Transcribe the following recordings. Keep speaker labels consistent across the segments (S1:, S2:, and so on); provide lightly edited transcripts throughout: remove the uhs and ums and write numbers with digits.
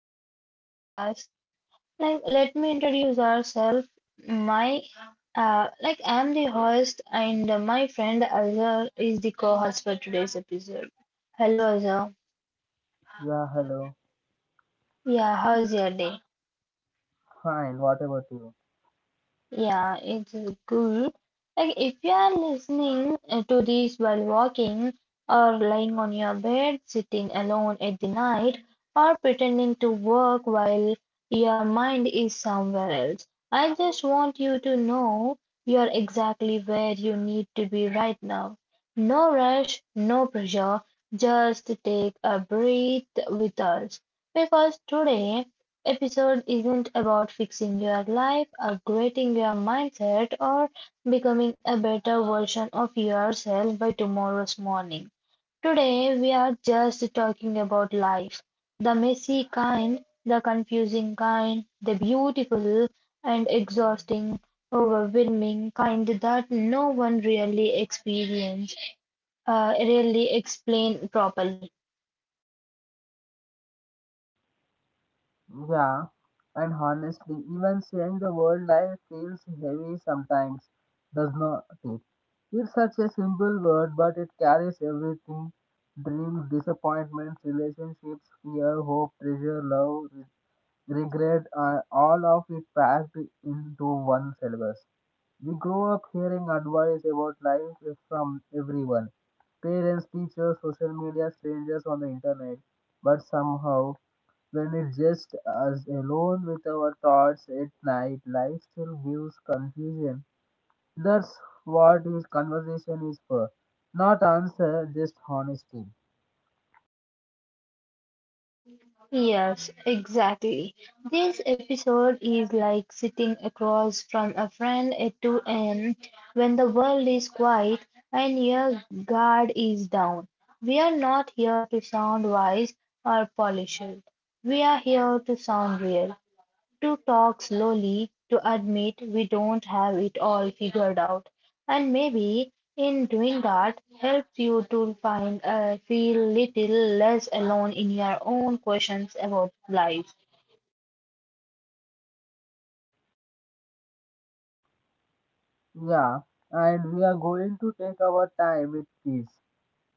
S1: welcome back to the podcast. Like, let me introduce ourselves. My, like, I'm the host, and my friend Azhar is the co-host for today's episode. Hello, Azhar.
S2: Yeah, hello.
S1: Yeah, how's your day?
S2: Fine, what about you?
S1: Yeah, it's cool. Like, if you are listening to this while walking or lying on your bed, sitting alone at the night, or pretending to work while your mind is somewhere else, I just want you to know you're exactly where you need to be right now. No rush, no pressure, just take a breath with us. Because today episode isn't about fixing your life, upgrading your mindset, or becoming a better version of yourself by tomorrow's morning. Today, we are just talking about life, the messy kind, the confusing kind, the beautiful and exhausting, overwhelming kind that no one really experiences, really explain properly.
S2: Yeah, and honestly, even saying the word life feels heavy sometimes, does not it? It's such a simple word, but it carries everything dreams, disappointments, relationships, fear, hope, treasure, love, regret, all of it packed into one syllabus. We grow up hearing advice about life is from everyone parents, teachers, social media, strangers on the internet. But somehow, when it's just us alone with our thoughts at night, life still gives confusion. That's what this conversation is for. Not answer, just honesty.
S1: Yes, exactly. This episode is like sitting across from a friend at 2 a.m. when the world is quiet and your guard is down. We are not here to sound wise or polished. We are here to sound real, to talk slowly, to admit we don't have it all figured out. And maybe in doing that helps you to find feel little less alone in your own questions about life.
S2: Yeah, and we are going to take our time with this.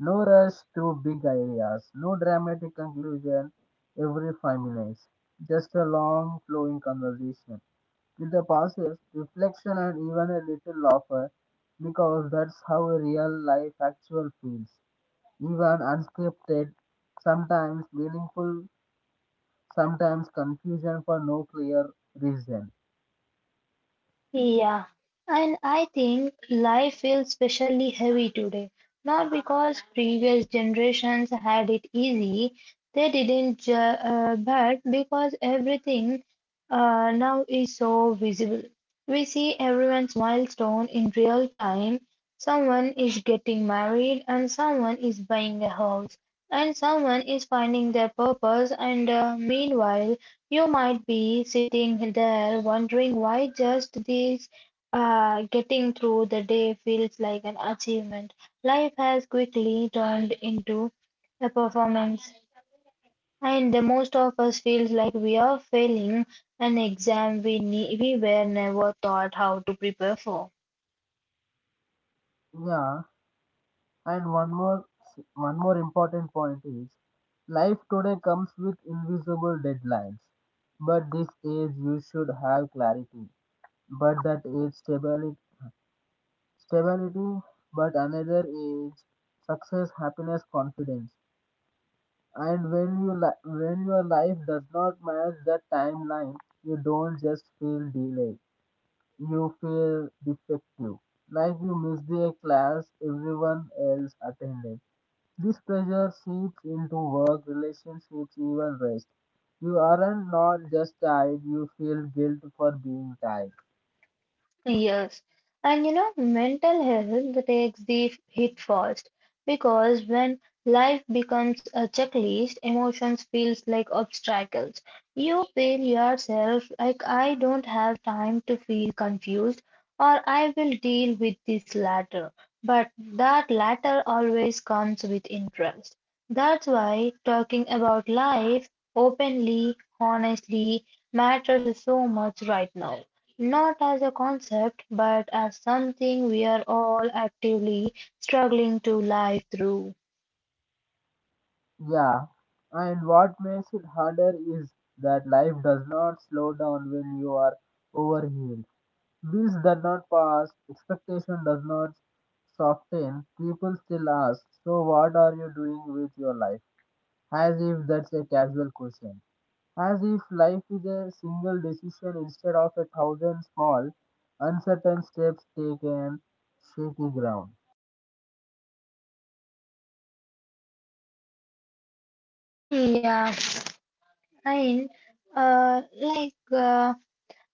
S2: No rush through big ideas, no dramatic conclusion every 5 minutes, just a long flowing conversation with the pauses, reflection, and even a little laughter because that's how a real life actual feels. Even unscripted, sometimes meaningful, sometimes confusion for no clear reason.
S1: Yeah, and I think life feels especially heavy today. Not because previous generations had it easy, they didn't, but because everything now is so visible. We see everyone's milestone in real time. Someone is getting married, and someone is buying a house, and someone is finding their purpose, and meanwhile, you might be sitting there wondering why just this getting through the day feels like an achievement. Life has quickly turned into a performance, and the most of us feels like we are failing an exam we were never taught how to prepare for.
S2: Yeah. And one more important point is life today comes with invisible deadlines. But this age you should have clarity. But that age stability but another age success, happiness, confidence. And when your life does not match that timeline, you don't just feel delayed. You feel defective. Like you miss the class everyone else attended. This pressure seeps into work, relationships, even rest. You aren't not just tired, you feel guilt for being tired.
S1: Yes, and mental health takes the hit first, because when life becomes a checklist, emotions feels like obstacles. You feel yourself like, I don't have time to feel confused, or I will deal with this later. But that latter always comes with interest. That's why talking about life openly, honestly matters so much right now. Not as a concept, but as something we are all actively struggling to live through.
S2: Yeah, and what makes it harder is that life does not slow down when you are overhealed. This does not pass, expectation does not soften. People still ask, so what are you doing with your life? As if that's a casual question, as if life is a single decision instead of a thousand small, uncertain steps taken, shaky ground.
S1: Yeah, and like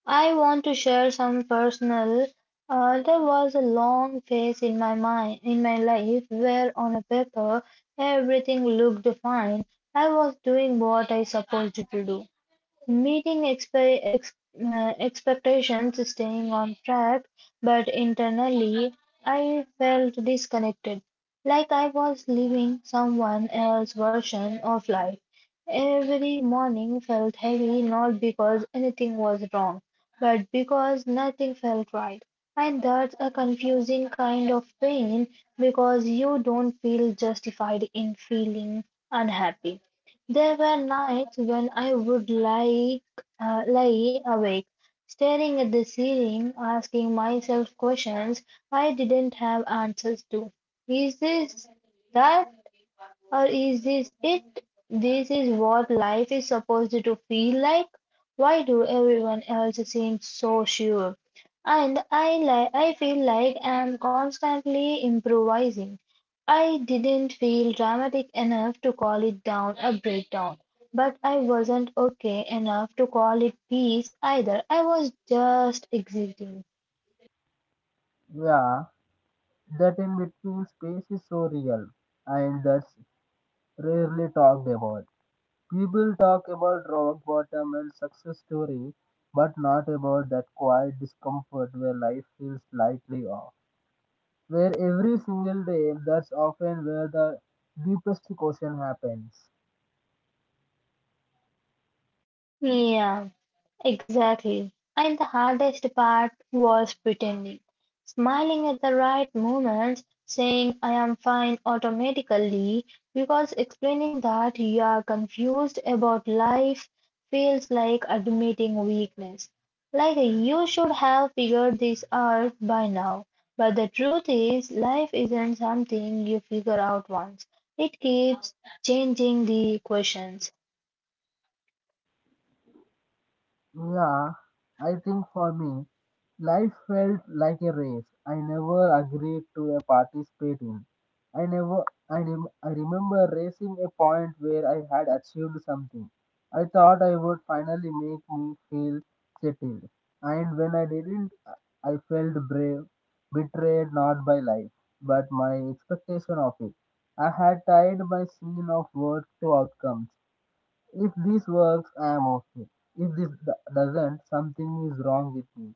S1: I want to share some personal. There was a long phase in my mind, in my life, where on a paper everything looked fine. I was doing what I supposed to do, meeting expectations, staying on track, but internally I felt disconnected, like I was living someone else's version of life. Every morning felt heavy, not because anything was wrong, but because nothing felt right. And that's a confusing kind of pain, because you don't feel justified in feeling unhappy. There were nights when I would lie awake, staring at the ceiling, asking myself questions I didn't have answers to. Is this that, or is this it? This is what life is supposed to feel like? Why do everyone else seem so sure? And I feel like I'm constantly improvising. I didn't feel dramatic enough to call it down a breakdown, but I wasn't okay enough to call it peace either. I was just exiting.
S2: Yeah, that in between space is so real, and that's rarely talked about. People talk about rock bottom and success story, but not about that quiet discomfort where life feels slightly off. Where every single day, that's often where the deepest question happens.
S1: Yeah, exactly. And the hardest part was pretending. Smiling at the right moments, saying I am fine automatically, because explaining that you are confused about life feels like admitting weakness. Like you should have figured this out by now. But the truth is, life isn't something you figure out once, it keeps changing the questions.
S2: Yeah, I think for me, life felt like a race. I never agreed to a participate in. I never, I, rem- I remember racing a point where I had achieved something. I thought I would finally make me feel settled. And when I didn't, I felt brave, betrayed not by life, but my expectation of it. I had tied my scene of work to outcomes. If this works, I am okay. If doesn't, something is wrong with me.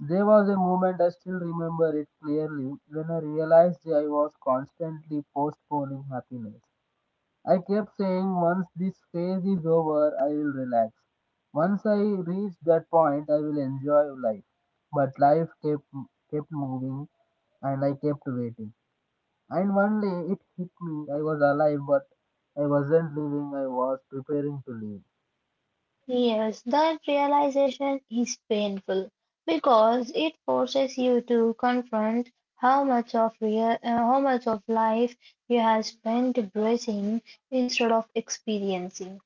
S2: There was a moment I still remember it clearly when I realized I was constantly postponing happiness. I kept saying, once this phase is over, I will relax. Once I reach that point, I will enjoy life. But life kept, moving and I kept waiting. And one day it hit me. I was alive, but I wasn't living, I was preparing to leave.
S1: Yes, that realization is painful, because it forces you to confront how much of life you have spent bracing instead of experiencing.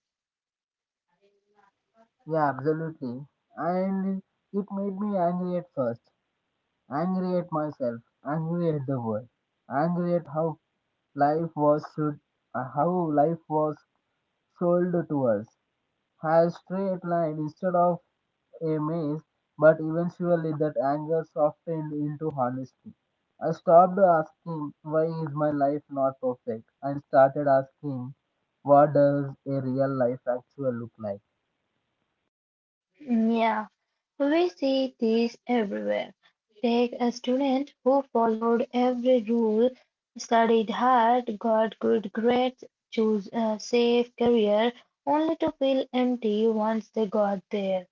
S2: Yeah, absolutely. And it made me angry at first, angry at myself, angry at the world, angry at life was should, how life was sold to us as straight line instead of a maze. But eventually, that anger softened into honesty. I stopped asking why is my life not perfect and started asking what does a real life actually look like.
S1: Yeah, we see this everywhere. Take a student who followed every rule, studied hard, got good grades, chose a safe career, only to feel empty once they got there,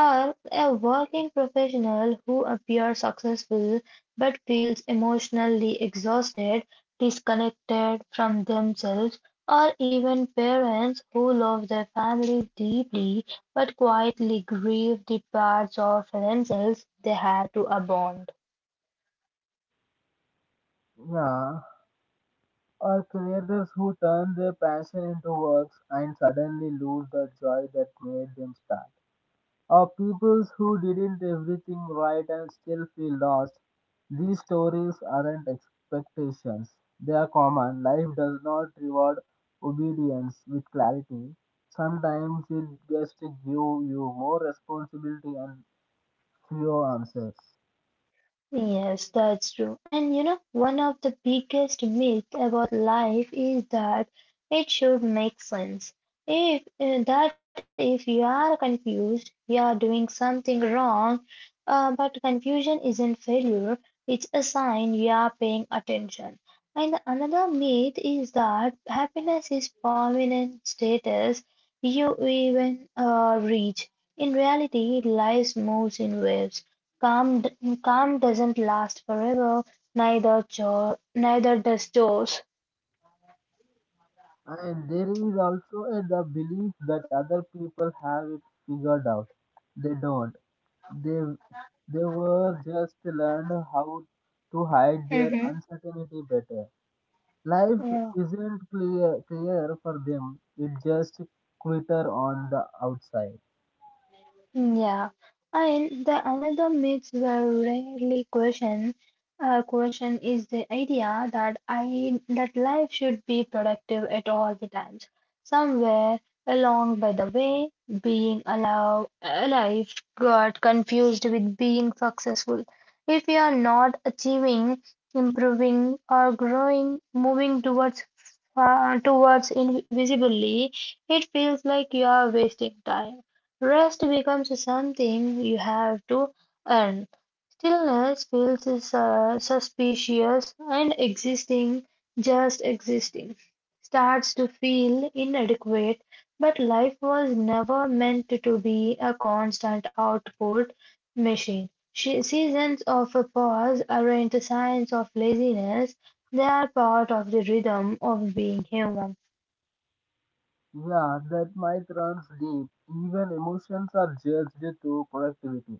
S1: or a working professional who appears successful but feels emotionally exhausted, disconnected from themselves, or even parents who love their families deeply but quietly grieve the parts of themselves they had to abandon.
S2: Yeah, or creators who turn their passion into works and suddenly lose the joy that made them start. Or people who didn't everything right and still feel lost. These stories aren't expectations. They are common. Life does not reward obedience with clarity. Sometimes it just gives you more responsibility and fewer answers.
S1: Yes, that's true. And one of the biggest myths about life is that it should make sense. If that if you are confused, you are doing something wrong, but confusion isn't failure, it's a sign you are paying attention. And another myth is that happiness is permanent status you even reach. In reality, life moves in waves. Calm doesn't last forever, neither neither does joy.
S2: And there is also a, the belief that other people have it figured out. They don't. They they were just learned how to hide their
S1: Mm-hmm.
S2: uncertainty better. Life
S1: Yeah.
S2: isn't clear for them. It just quitter on the outside.
S1: Yeah, and the another myth were rarely question is the idea that life should be productive at all the times. Somewhere along by the way, being alive got confused with being successful. If we are not achieving, improving, or growing, moving towards invisibly, it feels like you are wasting time. Rest becomes something you have to earn. Stillness feels suspicious, and existing, just existing, starts to feel inadequate. But life was never meant to be a constant output machine. Seasons of a pause aren't signs of laziness, they are part of the rhythm of being human.
S2: Yeah, that might runs deep. Even emotions are judged to productivity.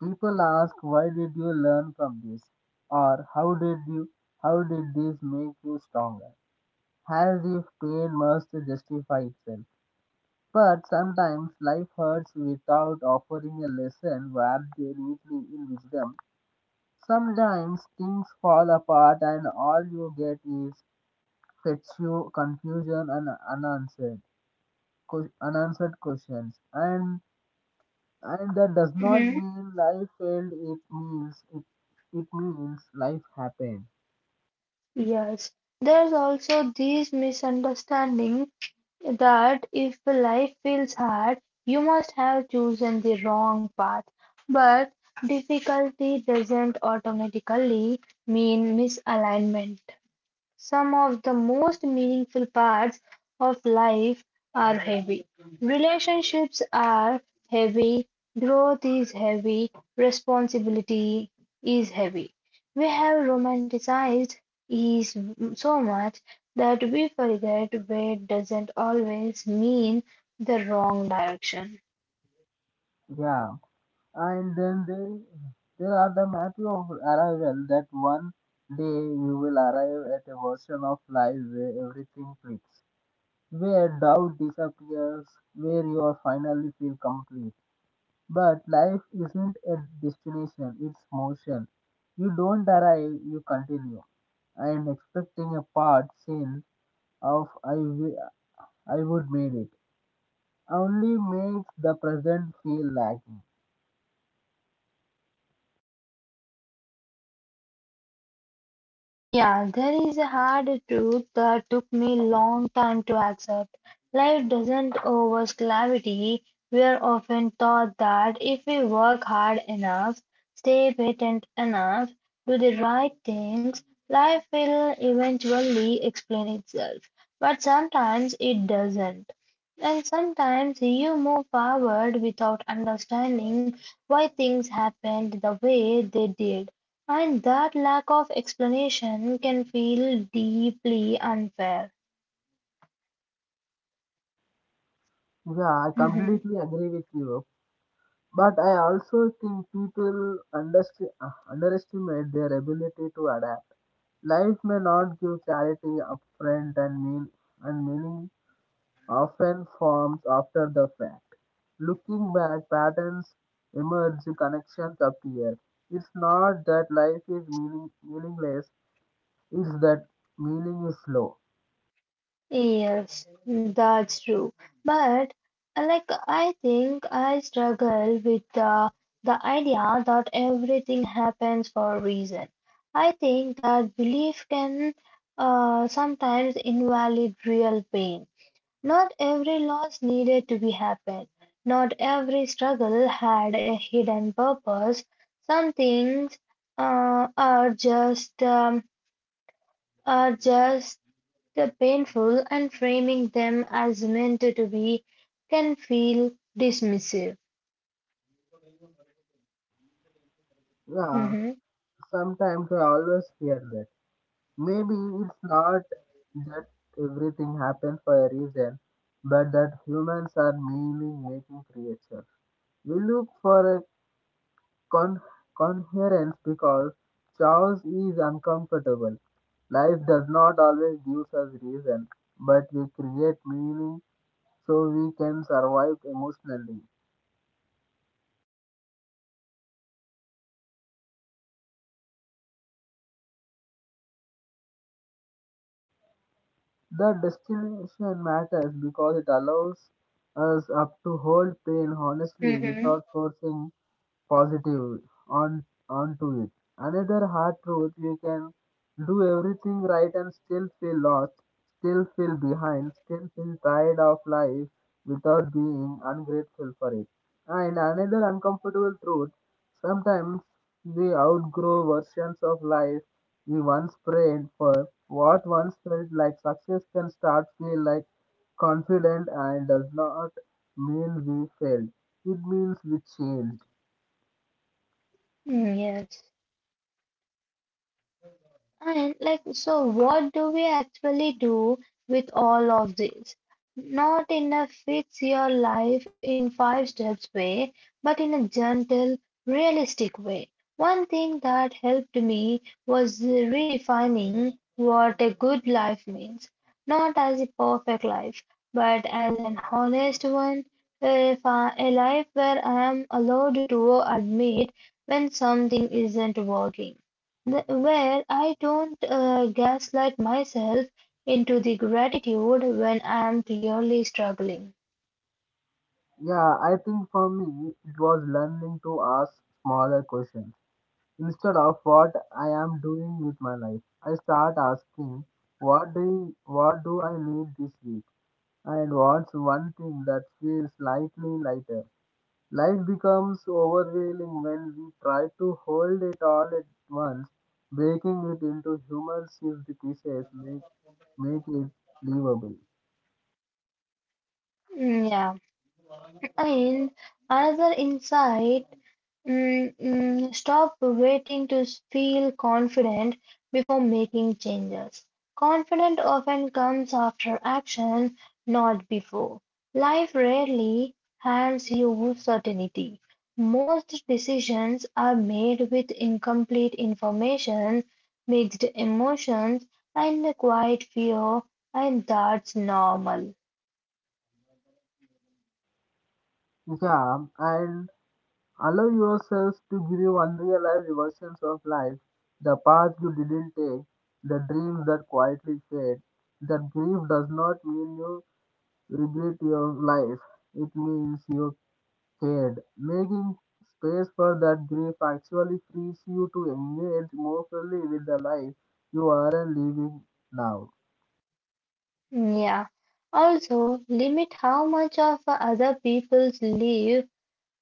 S2: People ask why did you learn from this? Or how did this make you stronger? As if pain must justify itself. But sometimes life hurts without offering a lesson wrapped neatly in wisdom. Sometimes things fall apart and all you get is fatigue, confusion and unanswered unanswered questions. And that does not mean life failed. It means life happened.
S1: Yes, there's also this misunderstanding that if life feels hard, you must have chosen the wrong path. But difficulty doesn't automatically mean misalignment. Some of the most meaningful parts of life are heavy. Relationships are heavy, growth is heavy, responsibility is heavy. We have romanticized ease so much that we forget weight doesn't always mean the wrong direction.
S2: Yeah. And there are the map of arrival that one day you will arrive at a version of life where everything clicks, where doubt disappears, where you are finally feel complete. But life isn't a destination, it's motion. You don't arrive, you continue. I am expecting a part scene of I, wi- I would made it. Only makes the present feel lacking.
S1: Yeah, there is a hard truth that took me long time to accept. Life doesn't owe us clarity. We are often taught that if we work hard enough, stay patient enough, do the right things, life will eventually explain itself. But sometimes it doesn't. And sometimes you move forward without understanding why things happened the way they did. And that lack of explanation can feel deeply unfair.
S2: Yeah, I
S1: Hmm.
S2: completely agree with you. But I also think underestimate their ability to adapt. Life may not give clarity upfront and meaning often forms after the fact. Looking back, patterns emerge, connections appear. It's not that life is meaningless; it's that meaning is low.
S1: Yes, that's true. But like, I think I struggle with the idea that everything happens for a reason. I think that belief can sometimes invalidate real pain. Not every loss needed to be happen. Not every struggle had a hidden purpose. Some things uh, are just um, are just painful, and framing them as meant to be can feel dismissive.
S2: Yeah,
S1: Mhm.
S2: sometimes I always fear that. Maybe it's not that everything happens for a reason, but that humans are meaning making creatures. We look for con- coherence because chaos is uncomfortable. Life does not always give us reason, but we create meaning so we can survive emotionally. The destination matters because it allows us up to hold pain honestly without
S1: Mm-hmm.
S2: forcing positive on onto it. Another hard truth you can do everything right and still feel lost, still feel behind, still feel tired of life without being ungrateful for it. And another uncomfortable truth, sometimes we outgrow versions of life we once prayed for. What once felt like success can start feel like confident and does not mean we failed. It means we changed.
S1: Mm, yes. And like, so what do we actually do with all of this? Not in a fix your life in five steps way, but in a gentle, realistic way. One thing that helped me was redefining what a good life means. Not as a perfect life, but as an honest one, if I- a life where I am allowed to admit when something isn't working, where I don't gaslight myself into the gratitude when I'm clearly struggling.
S2: Yeah, I think for me, it was learning to ask smaller questions. Instead of what I am doing with my life, I start asking, what do I need this week? And wants one thing that feels slightly lighter. Life becomes overwhelming when we try to hold it all at once, breaking it into human shaped pieces make it livable.
S1: Mm, yeah. And another insight, stop waiting to feel confident before making changes. Confidence often comes after action, not before. Life rarely hands you certainty. Most decisions are made with incomplete information, mixed emotions, and quiet fear, and that's normal.
S2: Yeah, and allow yourself to grieve unrealized versions of life, the path you didn't take, the dreams that quietly fade. That grief does not mean you regret your life, it means you cared. Making space for that grief actually frees you to engage more fully with the life you are living now.
S1: Yeah. Also, limit how much of other people's life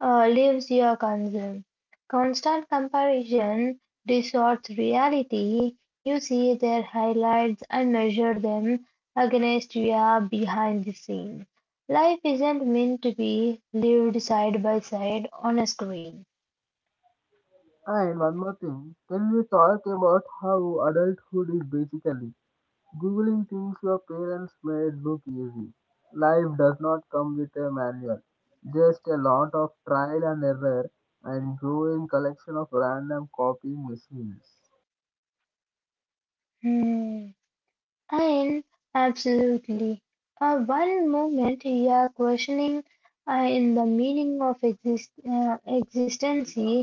S1: lives you consume. Constant comparison distorts reality. You see their highlights and measure them against your behind the scene. Life isn't meant to be lived side by side on a screen.
S2: And one more thing, can we talk about how adulthood is basically? Googling things your parents made look easy. Life does not come with a manual, just a lot of trial and error and growing collection of random copying machines.
S1: Hmm. And absolutely. One moment you are questioning in the meaning of existence, the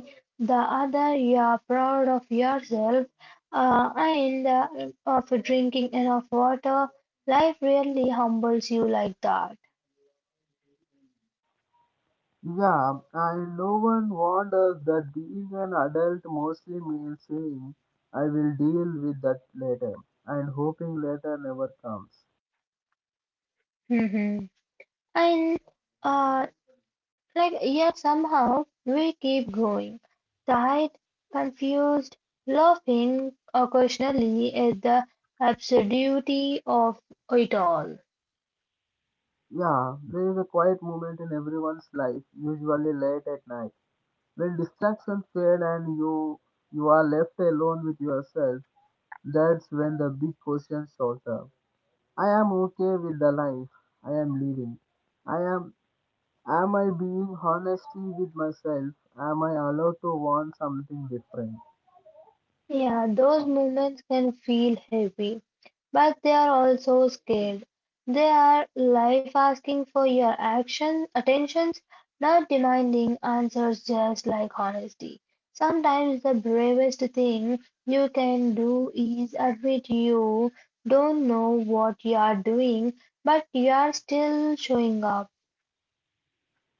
S1: other you are proud of yourself. And of drinking enough water, life really humbles you like that.
S2: Yeah, and no one warned us that being an adult mostly means saying, I will deal with that later, and hoping later never comes.
S1: Mhm. And uh, like, yet somehow we keep going. Tired, confused, laughing occasionally at the absurdity of it all.
S2: Yeah, there is a quiet moment in everyone's life, usually late at night when distractions fade and you are left alone with yourself, that's when the big question shows up. I am okay with the life I am living. I am I being honestly with myself? Am I allowed to want something different?
S1: Yeah, those moments can feel heavy, but they are also scared. They are life asking for your action, attentions, not demanding answers, just like honesty. Sometimes the bravest thing you can do is admit you don't know what you are doing, but you are still showing up.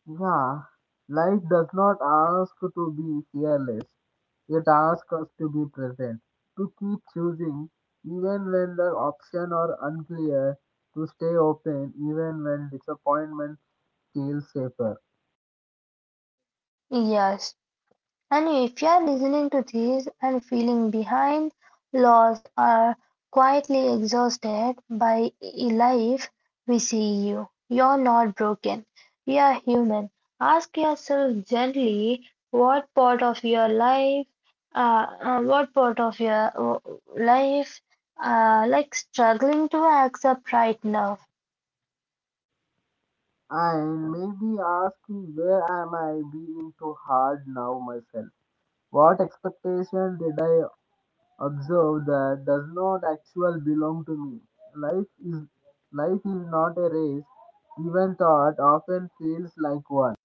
S2: Yeah, life does not ask to be fearless. It asks us to be present, to keep choosing even when the options are unclear, to stay open even when disappointment feel safer.
S1: Yes, and if you are listening to this and feeling behind, lost, or quietly exhausted by life, we see you. You're not broken. You are human. Ask yourself gently what part of your life, what part of your life, like struggling to accept right now.
S2: And maybe asking where am I being too hard now myself? What expectation did I observe that does not actually belong to me? Life is life is not a race. Even thought often feels like one.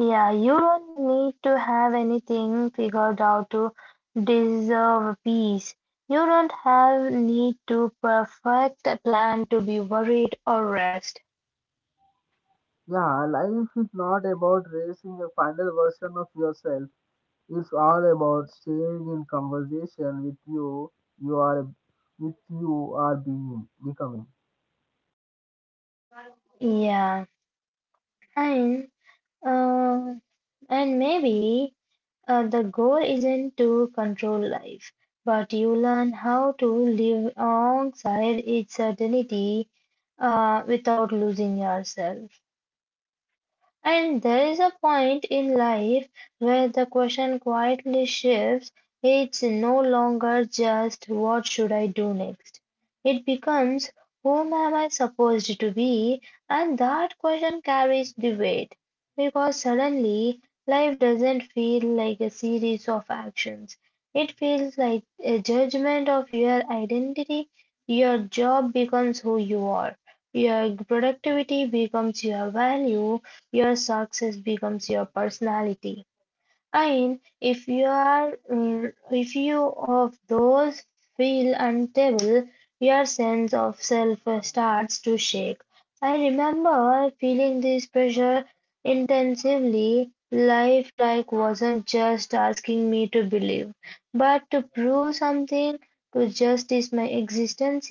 S1: Yeah, you don't need to have anything figured out to deserve peace. You don't have need to perfect a plan to be worried or rest.
S2: Yeah, life is not about racing a final version of yourself. It's all about staying in conversation with you are with you are being becoming.
S1: Yeah, and uh, maybe the goal isn't to control life, but you learn how to live alongside its certainty without losing yourself. And there is a point in life where the question quietly shifts. It's no longer just what should I do next? It becomes whom am I supposed to be? And that question carries the weight, because suddenly life doesn't feel like a series of actions. It feels like a judgment of your identity. Your job becomes who you are. Your productivity becomes your value, your success becomes your personality. And if you are, if you of those feel unstable, your sense of self starts to shake. I remember feeling this pressure intensively. Life like wasn't just asking me to believe, but to prove something, to justice my existence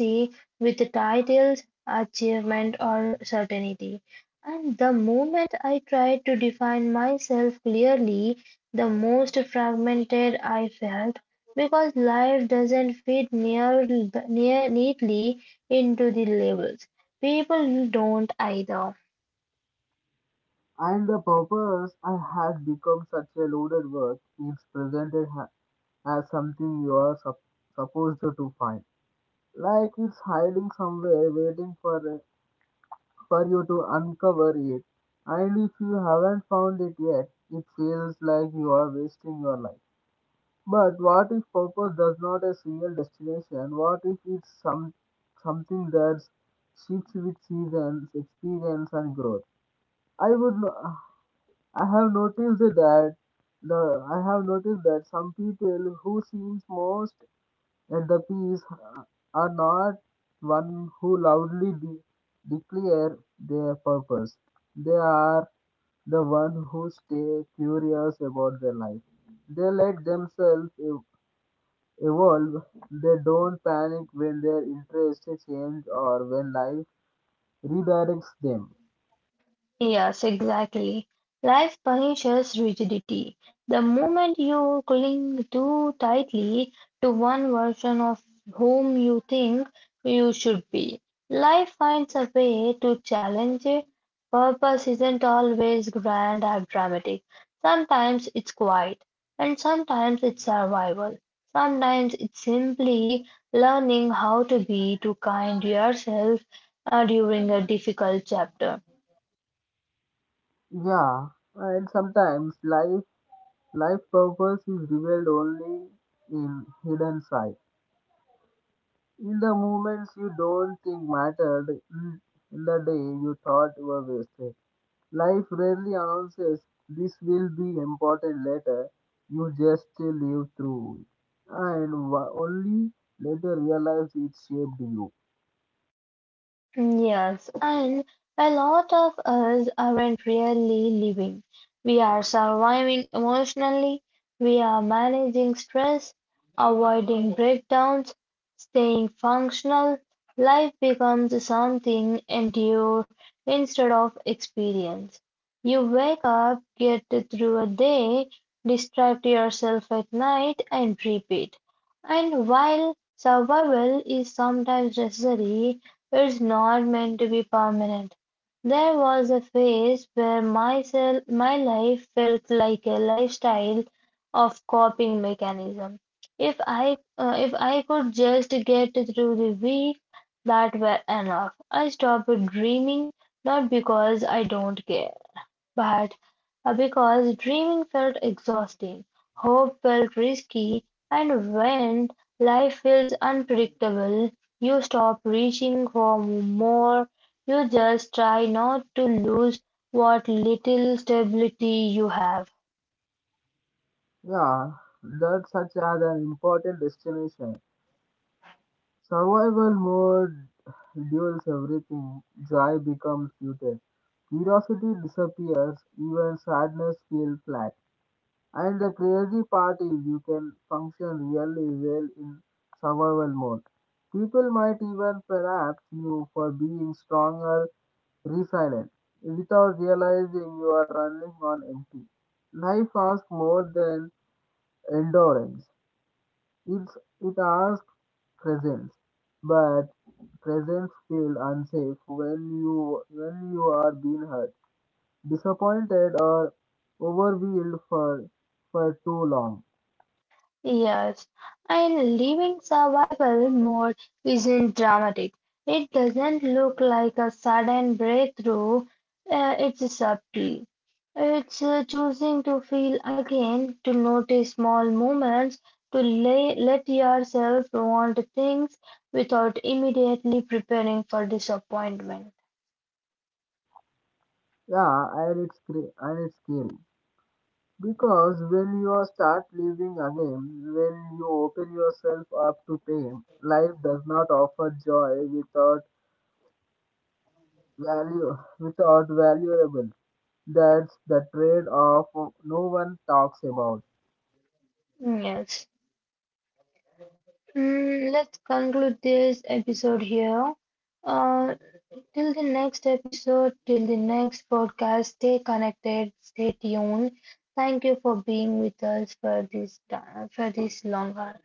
S1: with titles, achievement, or certainty. And the moment I tried to define myself clearly, the most fragmented I felt, because life doesn't fit near neatly into the labels. People don't either.
S2: And the purpose I had become such a loaded word. As something you supposed to find, like it's hiding somewhere, waiting for you to uncover it. And if you haven't found it yet, it feels like you are wasting your life. But what if purpose does not a single destination? What if it's something that shifts with seasons, experience, and growth? I would. I have noticed that I have noticed that some people who seems most at the peace are not one who declare their purpose. They are the one who stay curious about their life. They let themselves evolve. They don't panic when their interests change or when life redirects them.
S1: Yes, exactly. Life punishes rigidity. The moment you cling too tightly to one version of whom you think you should be, life finds a way to challenge it. Purpose isn't always grand or dramatic. Sometimes it's quiet, and sometimes it's survival. Sometimes it's simply learning how to be to kind yourself during a difficult chapter.
S2: Yeah, and sometimes life life purpose is revealed only in hidden sight. In the moments you don't think mattered, in the day you thought were wasted. Life rarely announces this will be important later. You just live through it. And only later realize it shaped you.
S1: Yes, and a lot of us aren't really living. We are surviving emotionally, we are managing stress, avoiding breakdowns, staying functional. Life becomes something endure instead of experience. You wake up, get through a day, distract yourself at night, and repeat. And while survival is sometimes necessary, it's not meant to be permanent. There was a phase where myself, my life felt like a lifestyle of coping mechanism. If I could just get through the week, that were enough. I stopped dreaming, not because I don't care, but because dreaming felt exhausting, hope felt risky, and when life feels unpredictable, you stop reaching for more. You just try not to lose what little stability you have.
S2: Yeah, that's such as an important destination. Survival mode duels everything, joy becomes muted, curiosity disappears, even sadness feels flat. And the crazy part is you can function really well in survival mode. People might even perhaps you for being stronger, resilient, without realizing you are running on empty. Life asks more than endurance. It asks presence, but presence feel unsafe when you are being hurt, disappointed, or overwhelmed for too long.
S1: Yes, and living survival mode isn't dramatic. It doesn't look like a sudden breakthrough. It's subtle. It's choosing to feel again, to notice small moments, to let yourself want things without immediately preparing for disappointment.
S2: Yeah, and and it's scary because when you start living again, when you open yourself up to pain, life does not offer joy without value without valuable. That's the trade-off no one talks about.
S1: Yes. Let's conclude this episode here. Uh, Till the next episode, till the next podcast, stay connected, stay tuned. Thank you for being with us for this time, for this long hour.